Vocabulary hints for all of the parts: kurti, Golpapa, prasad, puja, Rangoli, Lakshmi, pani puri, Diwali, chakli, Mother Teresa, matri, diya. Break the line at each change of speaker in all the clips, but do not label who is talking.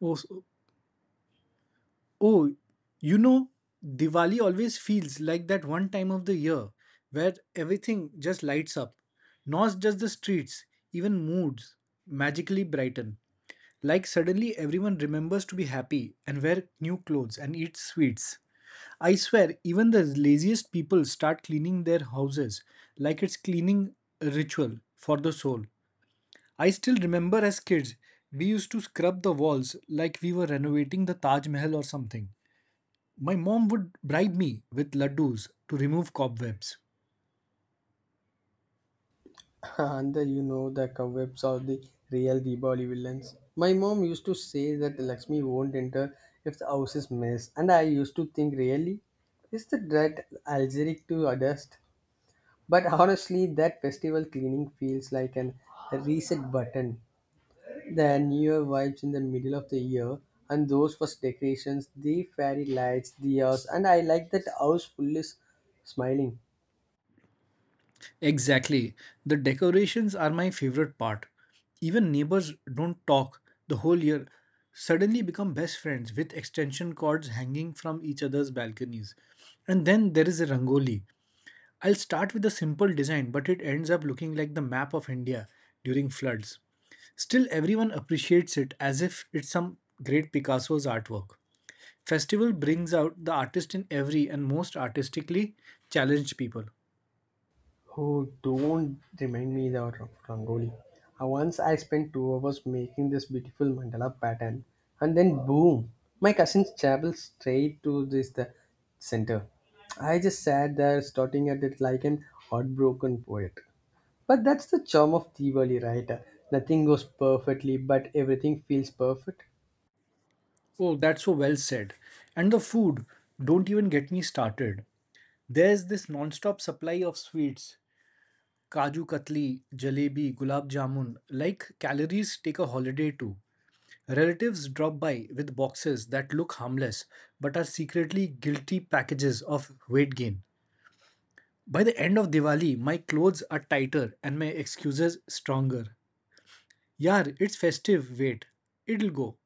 Oh, oh, you know, Diwali always feels like that one time of the year where everything just lights up. Not just the streets, even moods magically brighten. Like suddenly everyone remembers to be happy and wear new clothes and eat sweets. I swear, even the laziest people start cleaning their houses like it's cleaning ritual for the soul. I still remember as kids, we used to scrub the walls like we were renovating the Taj Mahal or something. My mom would bribe me with laddus to remove cobwebs.
And the cobwebs are the real Diwali villains. My mom used to say that Lakshmi won't enter if the house is mess, and I used to think, really, is the dread allergic to dust? But honestly, that festival cleaning feels like a reset button. The New Year vibes in the middle of the year, and those first decorations, the fairy lights, the house, and I like that house full is smiling.
Exactly. The decorations are my favorite part. Even neighbors don't talk the whole year suddenly become best friends with extension cords hanging from each other's balconies. And then there is a rangoli. I'll start with a simple design, but it ends up looking like the map of India during floods. Still, everyone appreciates it as if it's some great Picasso's artwork. Festival brings out the artist in every and most artistically challenged people.
Oh, don't remind me of Rangoli. Once I spent 2 hours making this beautiful mandala pattern, and then boom, my cousin's chapel straight to this the center. I just sat there starting at it like an heartbroken poet. But that's the charm of Diwali, right? Nothing goes perfectly, but everything feels perfect.
Oh, that's so well said. And the food, don't even get me started. There's this non-stop supply of sweets, kaju katli, jalebi, gulab jamun, like calories take a holiday too. Relatives drop by with boxes that look harmless but are secretly guilty packages of weight gain. By the end of Diwali, my clothes are tighter and my excuses stronger. Yaar, it's festive, wait. It'll go.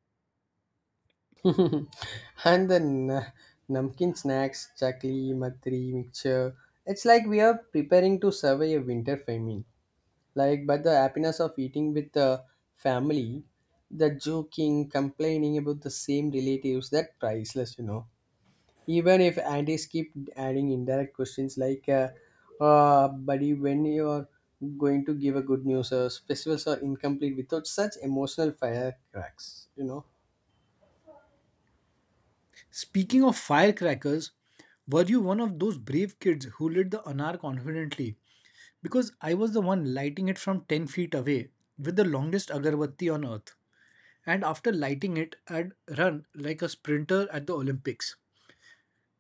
And namkeen snacks, chakli, matri, mixture. It's like we are preparing to survive a winter famine. Like but the happiness of eating with the family, the joking complaining about the same relatives, that priceless, you know, even if aunties keep adding indirect questions like buddy, when you are going to give a good news, or festivals are incomplete without such emotional firecracks, you know.
Speaking of firecrackers, were you one of those brave kids who lit the anar confidently? Because I was the one lighting it from 10 feet away with the longest agarbatti on earth. And after lighting it, I'd run like a sprinter at the Olympics.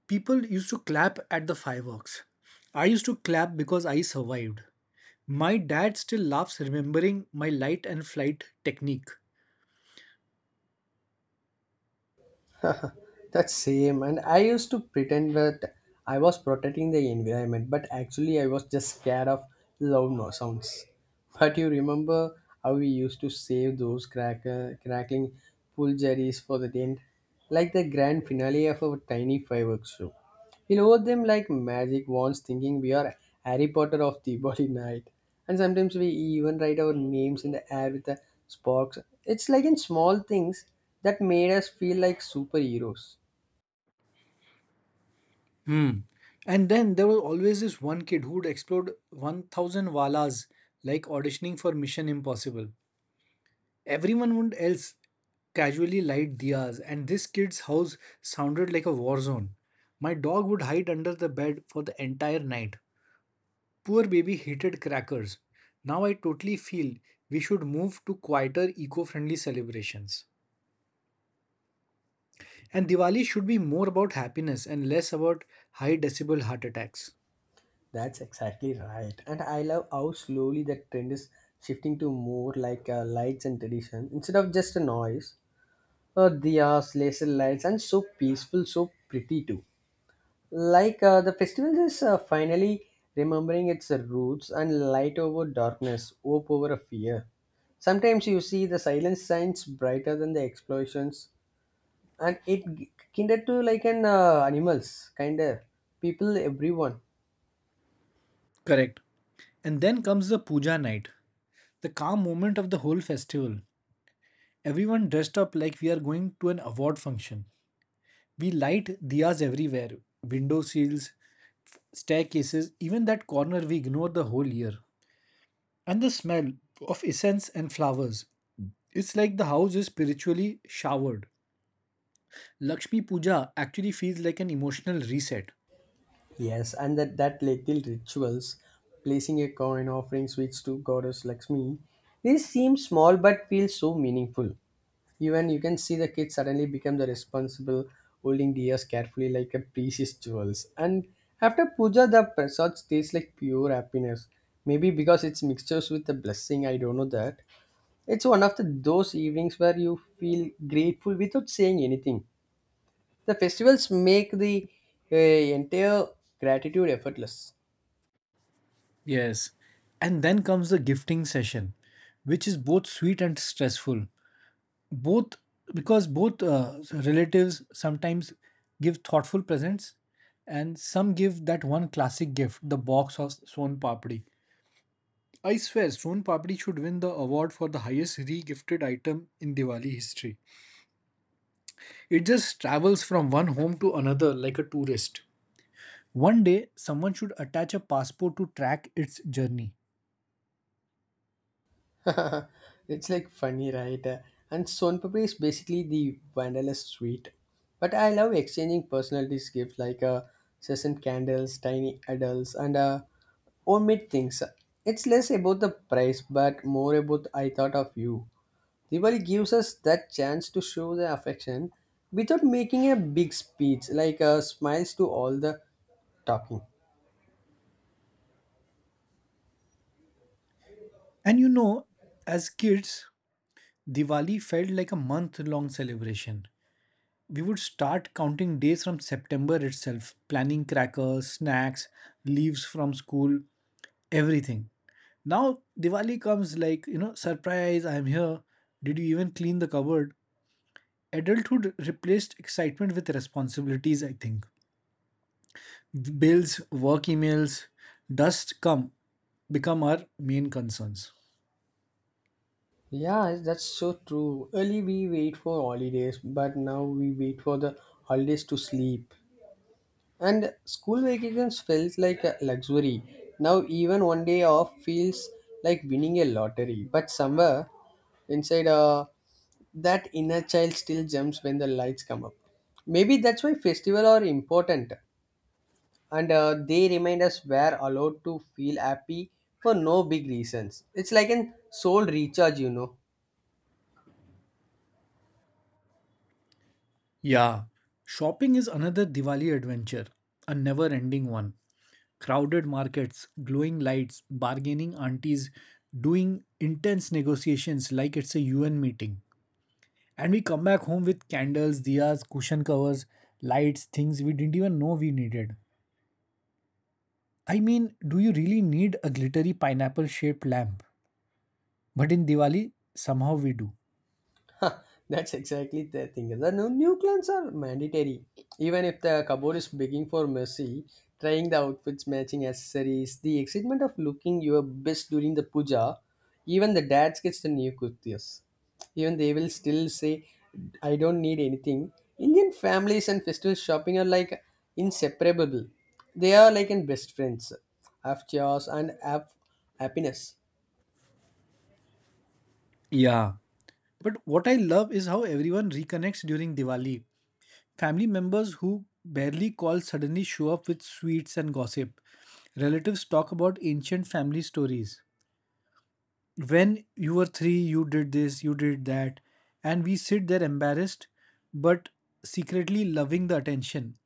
People used to clap at the fireworks. I used to clap because I survived. My dad still laughs remembering my light and flight technique.
That's same. And I used to pretend that I was protecting the environment, but actually I was just scared of loud no sounds. But you remember how we used to save those crackling pulveries for the end, like the grand finale of our tiny fireworks show. We load them like magic wands, thinking we are Harry Potter of Diwali night. And sometimes we even write our names in the air with the sparks. It's like in small things that made us feel like superheroes.
Hmm. And then there was always this one kid who would explode 1,000 walas like auditioning for Mission Impossible. Everyone would else casually light diyas, and this kid's house sounded like a war zone. My dog would hide under the bed for the entire night. Poor baby hated crackers. Now I totally feel we should move to quieter eco friendly celebrations. And Diwali should be more about happiness and less about high decibel heart attacks.
That's exactly right. And I love how slowly that trend is shifting to more like lights and tradition instead of just a noise. Or diyas, laser lights, and so peaceful, so pretty too. The festival is finally remembering its roots and light over darkness, hope over a fear. Sometimes you see the silent signs brighter than the explosions, and it kindred to like an animals, kind of people, everyone.
Correct. And then comes the puja night, the calm moment of the whole festival. Everyone dressed up like we are going to an award function. We light diyas everywhere, window sills, staircases, even that corner we ignore the whole year. And the smell of incense and flowers. It's like the house is spiritually showered. Lakshmi Puja actually feels like an emotional reset.
Yes, and that little rituals, placing a coin, offering sweets to goddess Lakshmi, these seem small but feel so meaningful. Even you can see the kid suddenly become the responsible, holding deers carefully like a precious jewels. And after puja, the prasad tastes like pure happiness. Maybe because it's mixtures with the blessing, I don't know that. It's one of the, those evenings where you feel grateful without saying anything. The festivals make the entire gratitude effortless.
Yes. And then comes the gifting session, which is both sweet and stressful. Both because both relatives sometimes give thoughtful presents, and some give that one classic gift, the box of Son Papdi. I swear, Son Papdi should win the award for the highest re-gifted item in Diwali history. It just travels from one home to another like a tourist. One day, someone should attach a passport to track its journey.
It's like funny, right? And Son Papri is basically the vanilla sweet. But I love exchanging personalities gifts like sesame candles, tiny adults, and homemade things. It's less about the price, but more about I thought of you. Diwali gives us that chance to show the affection without making a big speech, like smiles to all the talking.
And you know, as kids, Diwali felt like a month long celebration. We would start counting days from September itself, planning crackers, snacks, leaves from school, everything. Now, Diwali comes like, you know, surprise, I'm here. Did you even clean the cupboard? Adulthood replaced excitement with responsibilities, I think bills, work emails, dust become our main concerns.
Yeah, that's so true. Early we wait for holidays, but now we wait for the holidays to sleep. And school vacations felt like a luxury. Now even one day off feels like winning a lottery. But somewhere inside, that inner child still jumps when the lights come up. Maybe that's why festivals are important, and they remind us we're allowed to feel happy for no big reasons. It's like an soul recharge, you know.
Yeah, shopping is another Diwali adventure, a never ending one. Crowded markets, glowing lights, bargaining aunties, doing intense negotiations like it's a UN meeting. And we come back home with candles, diyas, cushion covers, lights, things we didn't even know we needed. I mean, do you really need a glittery pineapple shaped lamp? But in Diwali, somehow we do.
Huh, that's exactly the thing. The new clans are mandatory. Even if the cupboard is begging for mercy, trying the outfits, matching accessories, the excitement of looking your best during the puja, even the dads gets the new kurtis. Even they will still say, I don't need anything. Indian families and festival shopping are like inseparable. They are like in best friends. Have chores and have happiness.
Yeah. But what I love is how everyone reconnects during Diwali. Family members who barely call suddenly show up with sweets and gossip. Relatives talk about ancient family stories. When you were three, you did this, you did that. And we sit there embarrassed, but secretly loving the attention.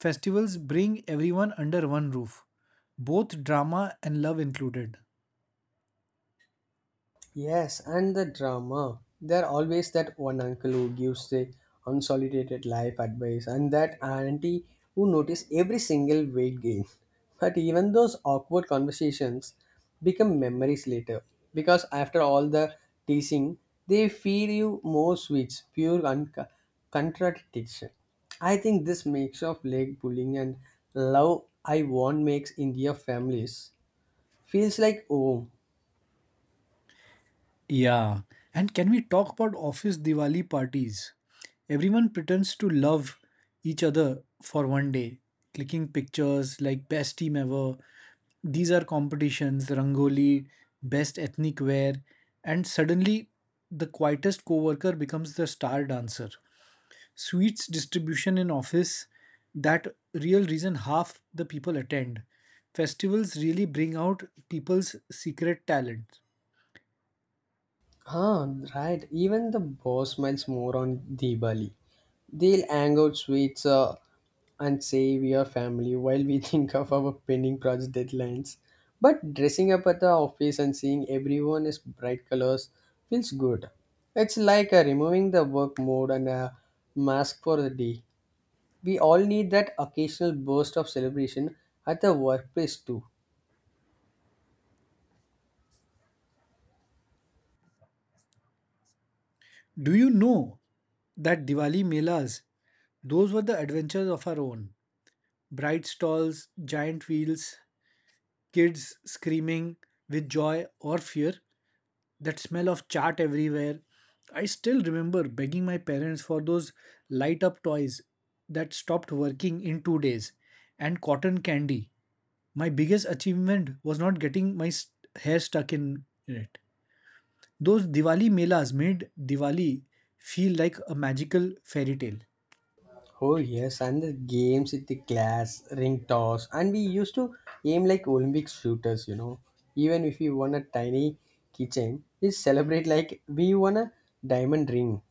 Festivals bring everyone under one roof, both drama and love included.
Yes, and the drama. There always that one uncle who gives the unsolicited life advice, and that auntie who notice every single weight gain. But even those awkward conversations become memories later, because after all the teasing, they feed you more sweets, pure contradiction. I think this mix of leg pulling and love I want makes India families feels like home.
Yeah. And can we talk about office Diwali parties? Everyone pretends to love each other for one day, clicking pictures like best team ever. These are competitions, Rangoli, best ethnic wear, and suddenly the quietest coworker becomes the star dancer. Sweets distribution in office, that real reason half the people attend. Festivals really bring out people's secret talent.
Huh, right. Even the boss smiles more on Diwali. They'll hang out sweets and save your family while we think of our pending project deadlines. But dressing up at the office and seeing everyone is bright colors feels good. It's like removing the work mode and a mask for the day. We all need that occasional burst of celebration at the workplace too.
Do you know that Diwali melas, those were the adventures of our own. Bright stalls, giant wheels, kids screaming with joy or fear, that smell of chaat everywhere. I still remember begging my parents for those light up toys that stopped working in 2 days and cotton candy. My biggest achievement was not getting my hair stuck in it. Those Diwali melas made Diwali feel like a magical fairy tale.
Oh yes, and the games with the glass, ring toss, and we used to aim like Olympic shooters, you know. Even if we won a tiny keychain, we celebrate like we won a diamond ring.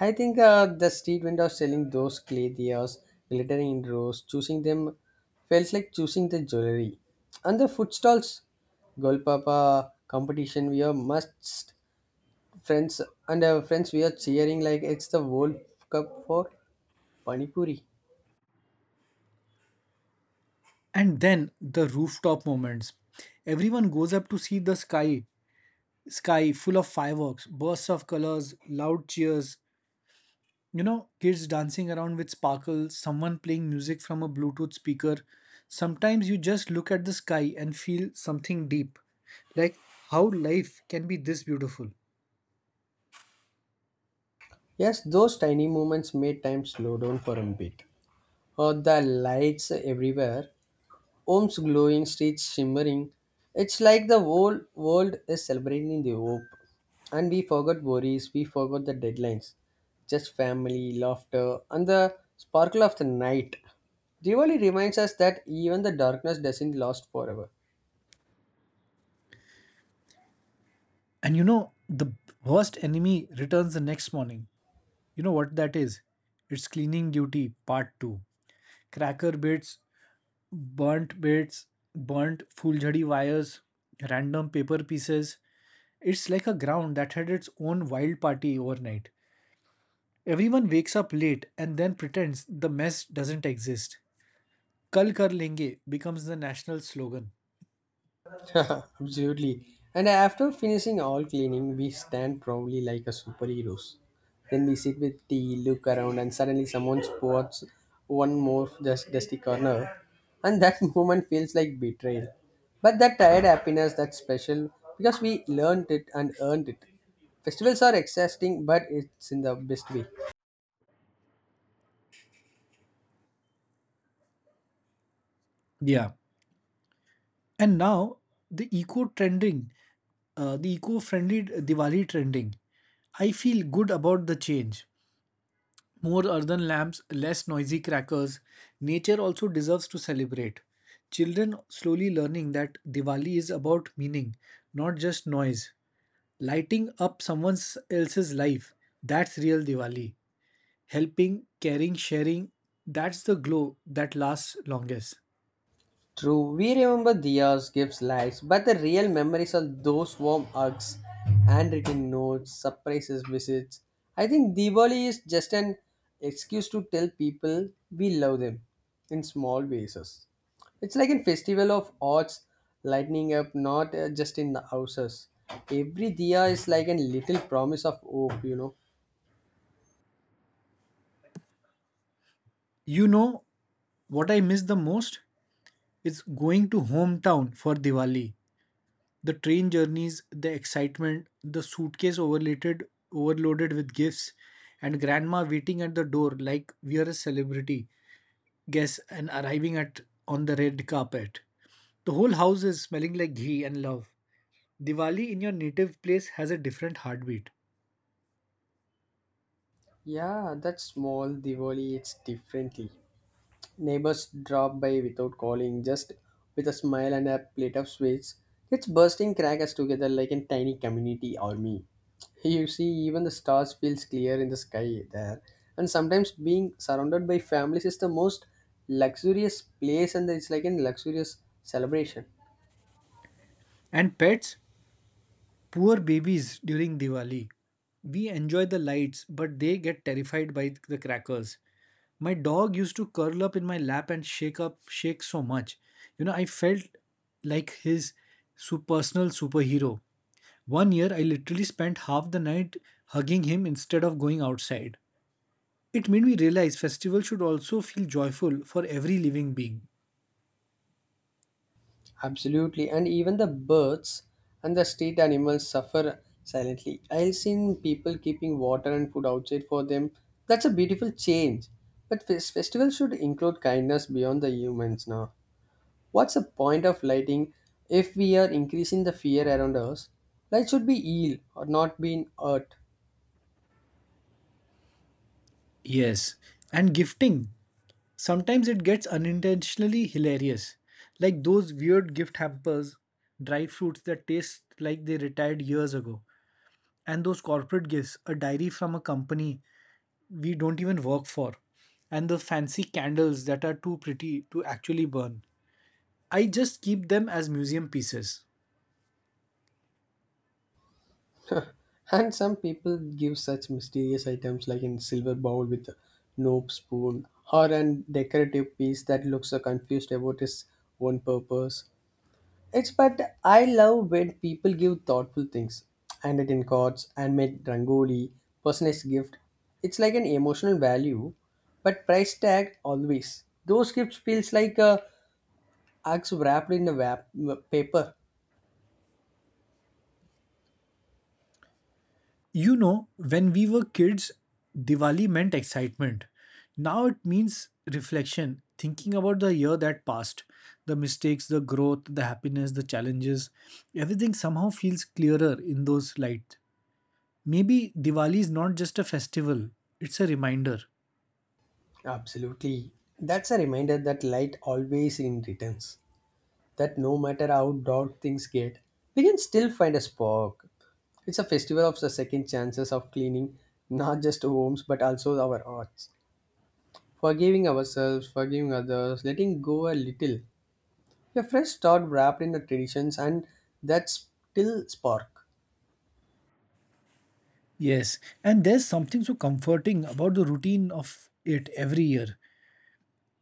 I think the street vendors selling those clay diyas, glittering in rows, choosing them felt like choosing the jewelry. And the food stalls, Golpapa competition, we are must friends and friends we are cheering like it's the World Cup for pani puri.
And then the rooftop moments. Everyone goes up to see the sky, sky full of fireworks, bursts of colors, loud cheers. You know, kids dancing around with sparkles, someone playing music from a Bluetooth speaker. Sometimes you just look at the sky and feel something deep. Like how life can be this beautiful.
Yes, those tiny moments made time slow down for a bit. Oh, the lights everywhere, homes glowing, streets shimmering. It's like the whole world is celebrating the hope. And we forgot worries, we forgot the deadlines. Just family, laughter, and the sparkle of the night. Diwali reminds us that even the darkness doesn't last forever.
And you know, the worst enemy returns the next morning. You know what that is? It's Cleaning Duty Part 2. Cracker bits, burnt fulgari wires, random paper pieces. It's like a ground that had its own wild party overnight. Everyone wakes up late and then pretends the mess doesn't exist. Kal kar lenge becomes the national slogan.
Absolutely. And after finishing all cleaning, we stand proudly like a superheroes. Then we sit with tea, look around, and suddenly someone spots one more just dusty corner, and that moment feels like betrayal. But that tired happiness, that's special because we learned it and earned it. Festivals are exhausting, but it's in the best way.
Yeah. And now the eco trending, the eco friendly Diwali trending. I feel good about the change. More earthen lamps, less noisy crackers. Nature also deserves to celebrate. Children slowly learning that Diwali is about meaning, not just noise. Lighting up someone else's life, that's real Diwali. Helping, caring, sharing, that's the glow that lasts longest.
True, we remember Diya's gifts lives, but the real memories are those warm hugs, handwritten notes, surprises, visits. I think Diwali is just an excuse to tell people we love them in small basis. It's like a festival of arts lighting up, not just in the houses. Every Diya is like a little promise of hope, you know.
You know what I miss the most? It's going to hometown for Diwali the train journeys, the excitement, the suitcase overloaded with gifts, and grandma waiting at the door like we are a celebrity guest and arriving at on the red carpet. The whole house is smelling like ghee and love. Diwali in your native place has a different heartbeat.
Yeah, that small Diwali, it's differently. Neighbors drop by without calling, just with a smile and a plate of sweets. It's bursting crackers together like a tiny community army. You see, even the stars feels clear in the sky there. And sometimes being surrounded by families is the most luxurious place, and it's like a luxurious celebration.
And pets, poor babies during Diwali. We enjoy the lights, but they get terrified by the crackers. My dog used to curl up in my lap and shake so much. You know, I felt like his personal superhero. One year, I literally spent half the night hugging him instead of going outside. It made me realize festival should also feel joyful for every living being.
Absolutely, and even the birds and the street animals suffer silently. I've seen people keeping water and food outside for them. That's a beautiful change. But festivals should include kindness beyond the humans now. What's the point of lighting if we are increasing the fear around us? Light should be heal or not being hurt.
Yes, and gifting. Sometimes it gets unintentionally hilarious, like those weird gift hampers, dry fruits that taste like they retired years ago, and those corporate gifts, a diary from a company we don't even work for, and the fancy candles that are too pretty to actually burn. I just keep them as museum pieces.
And some people give such mysterious items like in silver bowl with no spoon or an decorative piece that looks so confused about its own purpose. It's but I love when people give thoughtful things, handwritten in cards, handmade rangoli, personalized gift. It's like an emotional value, but price tag always. Those gifts feels like a axe wrapped in a wrap, paper.
You know, when we were kids, Diwali meant excitement. Now it means reflection, thinking about the year that passed, the mistakes, the growth, the happiness, the challenges. Everything somehow feels clearer in those lights. Maybe Diwali is not just a festival, it's a reminder.
Absolutely, that's a reminder that light always in returns. That no matter how dark things get, we can still find a spark. It's a festival of the second chances of cleaning not just our homes but also our hearts. Forgiving ourselves, forgiving others, letting go a little. A fresh start wrapped in the traditions and that's still spark.
Yes, and there's something so comforting about the routine of it every year.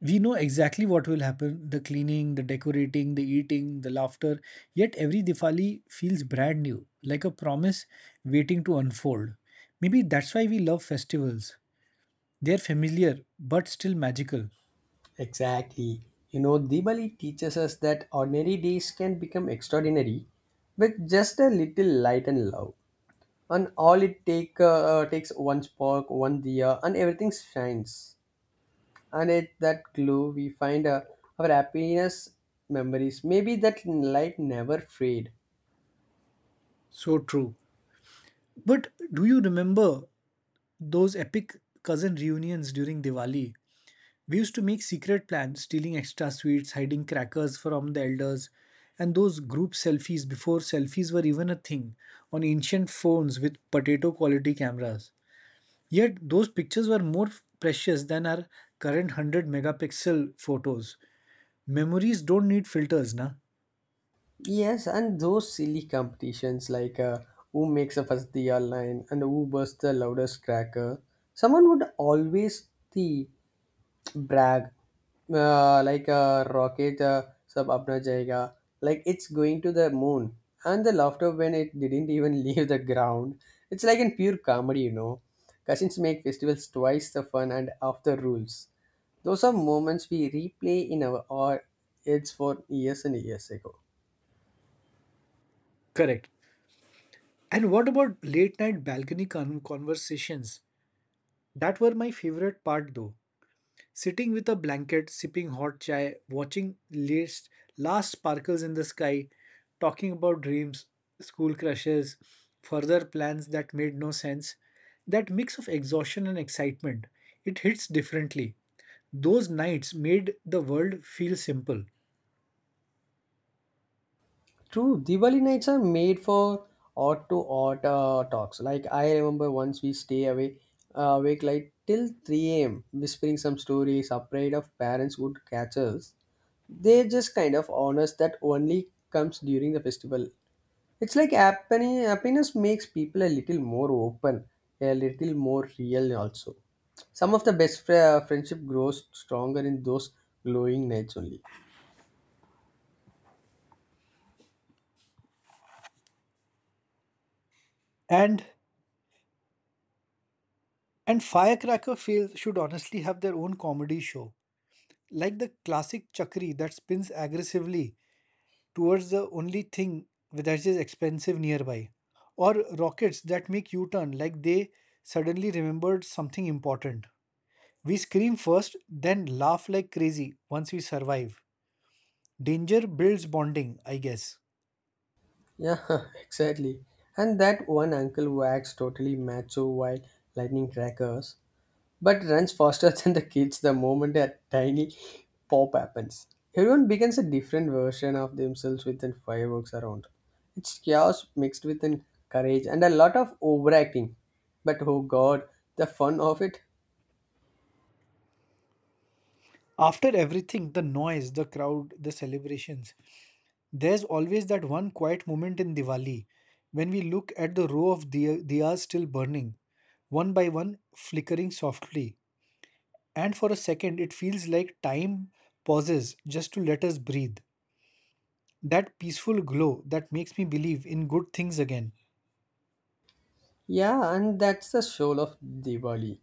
We know exactly what will happen the cleaning, the decorating, the eating, the laughter. Yet every Diwali feels brand new, like a promise waiting to unfold. Maybe that's why we love festivals. They're familiar but still magical.
Exactly. You know, Diwali teaches us that ordinary days can become extraordinary with just a little light and love. And all it takes one spark, one diya, and everything shines. And it that glow we find our happiness memories, maybe that light never fade.
So true. But do you remember those epic cousin reunions during Diwali? We used to make secret plans, stealing extra sweets, hiding crackers from the elders, and those group selfies before selfies were even a thing on ancient phones with potato quality cameras. Yet those pictures were more precious than our current 100 megapixel photos. Memories don't need filters, na?
Yes, and those silly competitions like who makes a first the online and who bursts the loudest cracker, someone would always the brag, like a rocket, sab apna jayega, like it's going to the moon, and the laughter when it didn't even leave the ground. It's like in pure comedy, you know. Cousins make festivals twice the fun and of the rules. Those are moments we replay in our or it's for years and years ago.
Correct. And what about late night balcony conversations? That were my favorite part though. Sitting with a blanket, sipping hot chai, watching last sparkles in the sky, talking about dreams, school crushes, further plans that made no sense. That mix of exhaustion and excitement, it hits differently. Those nights made the world feel simple.
True, Diwali nights are made for odd to odd talks. Like I remember once we stay away awake like till 3 a.m. whispering some stories, afraid of parents would catch us. They just kind of honors that only comes during the festival. It's like happiness makes people a little more open, a little more real also. Some of the best friendship grows stronger in those glowing nights only.
And and Firecracker feel, should honestly have their own comedy show, like the classic Chakri that spins aggressively towards the only thing that is expensive nearby. Or rockets that make U turn like they suddenly remembered something important. We scream first, then laugh like crazy once we survive. Danger builds bonding, I guess.
Yeah, exactly. And that one uncle who totally macho while lightning crackers, but runs faster than the kids the moment a tiny pop happens. Everyone becomes a different version of themselves within fireworks around. It's chaos mixed with an courage and a lot of overacting. But oh god, the fun of it.
After everything, the noise, the crowd, the celebrations, there's always that one quiet moment in Diwali when we look at the row of diyas still burning, one by one, flickering softly. And for a second, it feels like time pauses just to let us breathe. That peaceful glow that makes me believe in good things again.
Yeah, and that's the soul of Diwali.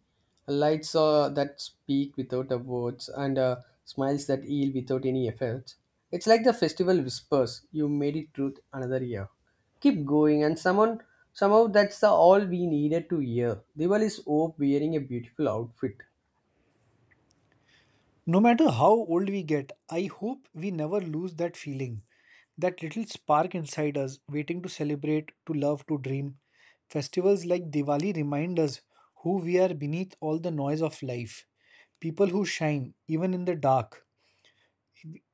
Lights that speak without a words and smiles that heal without any efforts. It's like the festival whispers, you made it truth another year. Keep going and someone somehow that's the all we needed to hear. Diwali is hope wearing a beautiful outfit.
No matter how old we get, I hope we never lose that feeling, that little spark inside us, waiting to celebrate, to love, to dream. Festivals like Diwali remind us who we are beneath all the noise of life, people who shine even in the dark.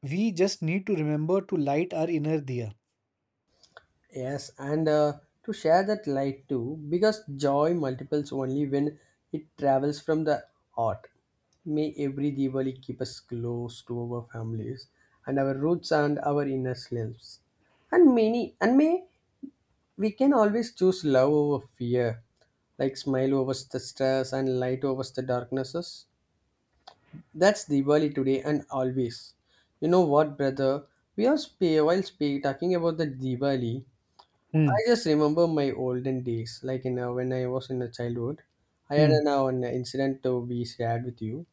We just need to remember to light our inner diya.
Yes, and to share that light too, because joy multiples only when it travels from the heart. May every Diwali keep us close to our families and our roots and our inner selves. And may we can always choose love over fear, like smile over the stress and light over the darknesses. That's Diwali today and always. You know what, brother? We are talking about the Diwali.
Hmm.
I just remember my olden days, like in when I was in a childhood. I had
Hmm.
an incident to be shared with you.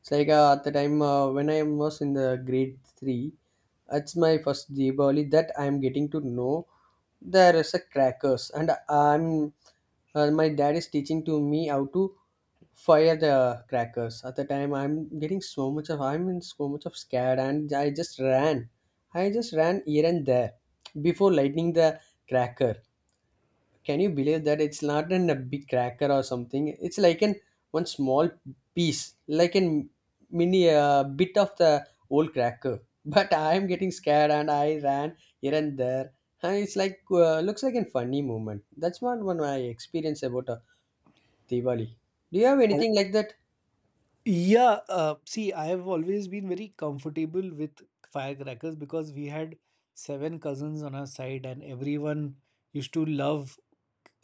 It's like at the time when I was in the grade 3, it's my first Diwali that I'm getting to know there is a crackers, and I'm my dad is teaching to me how to fire the crackers. At the time, I'm in so much of scared, and I just ran. I just ran here and there before lighting the cracker. Can you believe that it's not in a big cracker or something? It's like an one small piece, like a mini bit of the old cracker. But I'm getting scared and I ran here and there. And it's like looks like a funny moment. That's one I experience about Diwali. Do you have anything like that?
Yeah, see, I have always been very comfortable with firecrackers because we had seven cousins on our side, and everyone used to love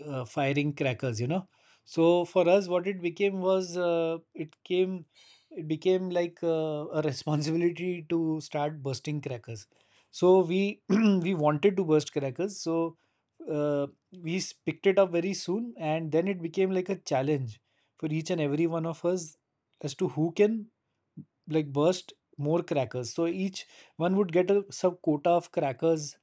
firing crackers. So for us what it became was it became like a responsibility to start bursting crackers. So we we wanted to burst crackers. So uh, we picked it up very soon, and then it became like a challenge for each and every one of us as to who can like burst more crackers. So each one would get a sub quota of crackers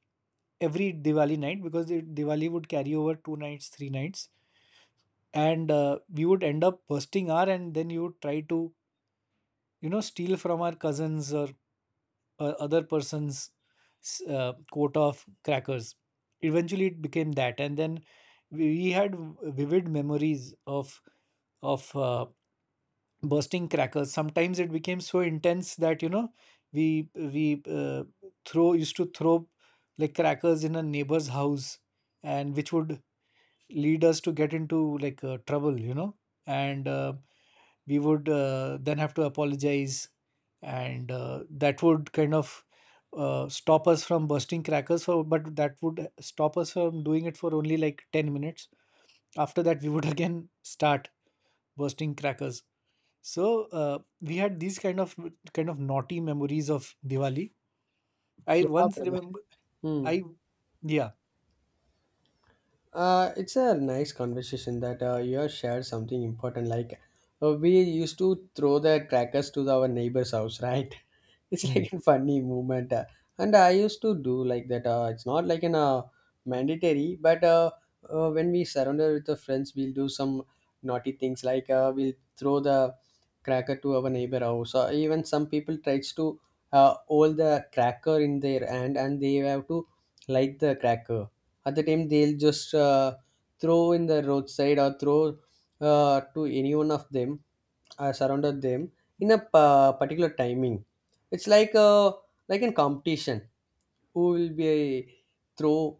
every Diwali night because the Diwali would carry over 2 nights, 3 nights, and we would end up bursting our and then you would try to steal from our cousins or other person's coat of crackers. Eventually, it became that, and then we had vivid memories of bursting crackers. Sometimes it became so intense that we throw used to throw like crackers in a neighbor's house, and which would lead us to get into like trouble, and we would then have to apologize, and that would kind of stop us from bursting crackers for, but that would stop us from doing it for only like 10 minutes. After that, we would again start bursting crackers. So we had these kind of naughty memories of Diwali. I
Yeah,
once
brother.
remember,
Hmm.
I yeah.
It's a nice conversation that you have shared something important. Like we used to throw the crackers to our neighbor's house, right? It's
Hmm.
like a funny movement and I used to do like that it's not like an mandatory but when we surrender with the friends we'll do some naughty things like we'll throw the cracker to our neighbor house or even some people tries to hold the cracker in their hand and they have to light the cracker at the time they'll just throw in the roadside or throw to any one of them surrounded them in a particular timing. It's like a like in competition. Who will be a throw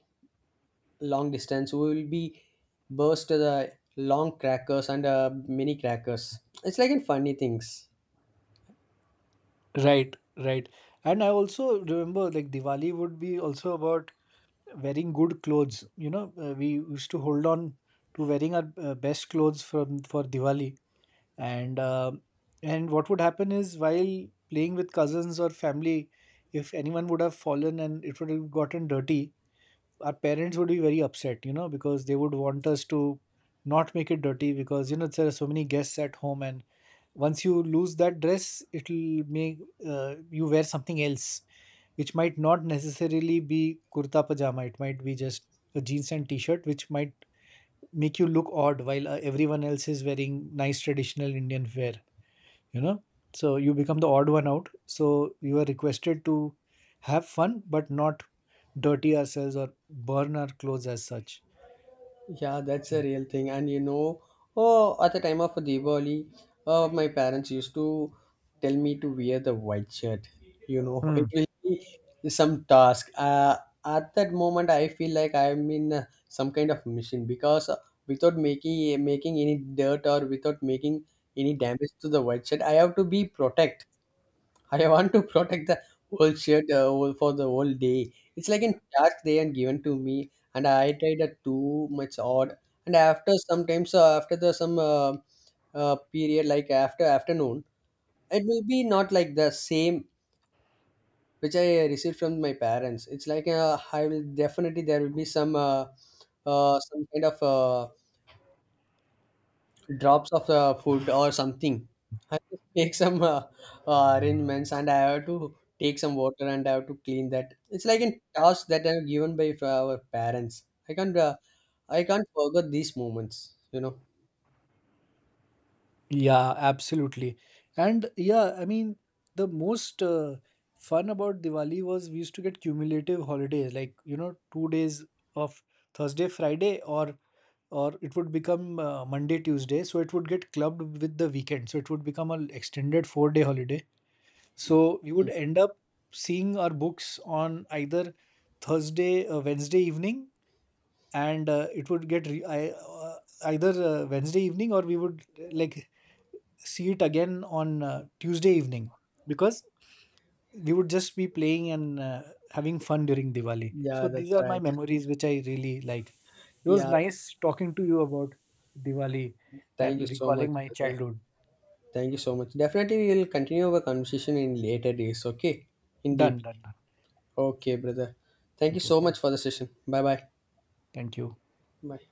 long distance? Who will be burst the long crackers and mini crackers? It's like in funny things.
Right, right. And I also remember like Diwali would be also about wearing good clothes. We used to hold on to wearing our best clothes from for Diwali, and and what would happen is while playing with cousins or family, if anyone would have fallen and it would have gotten dirty, our parents would be very upset, because they would want us to not make it dirty because, there are so many guests at home. And once you lose that dress, it'll make you wear something else, which might not necessarily be kurta pajama. It might be just a jeans and t shirt, which might make you look odd while everyone else is wearing nice traditional Indian wear, you know. So you become the odd one out. So you are requested to have fun, but not dirty ourselves or burn our clothes as such.
Yeah, that's a real thing. And you know, oh, at the time of Diwali, my parents used to tell me to wear the white shirt. You know, it
Hmm.
will be some task. At that moment, I feel like I'm in some kind of mission because without making any dirt or without making any damage to the white shirt, I have to be protect. I want to protect the whole shirt for the whole day. It's like in task they and given to me, and I tried that too much odd. And after sometimes after the some period like after afternoon, it will be not like the same which I received from my parents. It's like I will definitely there will be some kind of drops of food or something. I just make some arrangements and I have to take some water and I have to clean that. It's like a task that I'm given by our parents. I can't forget these moments. You know.
Yeah, absolutely. And yeah, I mean, the most fun about Diwali was we used to get cumulative holidays, like, 2 days of Thursday, Friday, or it would become Monday, Tuesday. So it would get clubbed with the weekend. So it would become an extended 4-day holiday. So we would end up seeing our books on either Thursday, Wednesday evening, and it would either Wednesday evening, or we would like see it again on Tuesday evening because we would just be playing and having fun during Diwali.
Yeah,
So these
that's
are my
right.
memories which I really like. It was
Yeah,
nice talking to you about Diwali
thank you
and
so much.
recalling my
Brother.
childhood.
Thank you so much. Definitely, we will continue our conversation in later days. Okay, in deep.
Done, done, done.
Okay, brother. Thank you
Okay,
so much
thanks.
for the session. Bye bye.
Thank you.
Bye.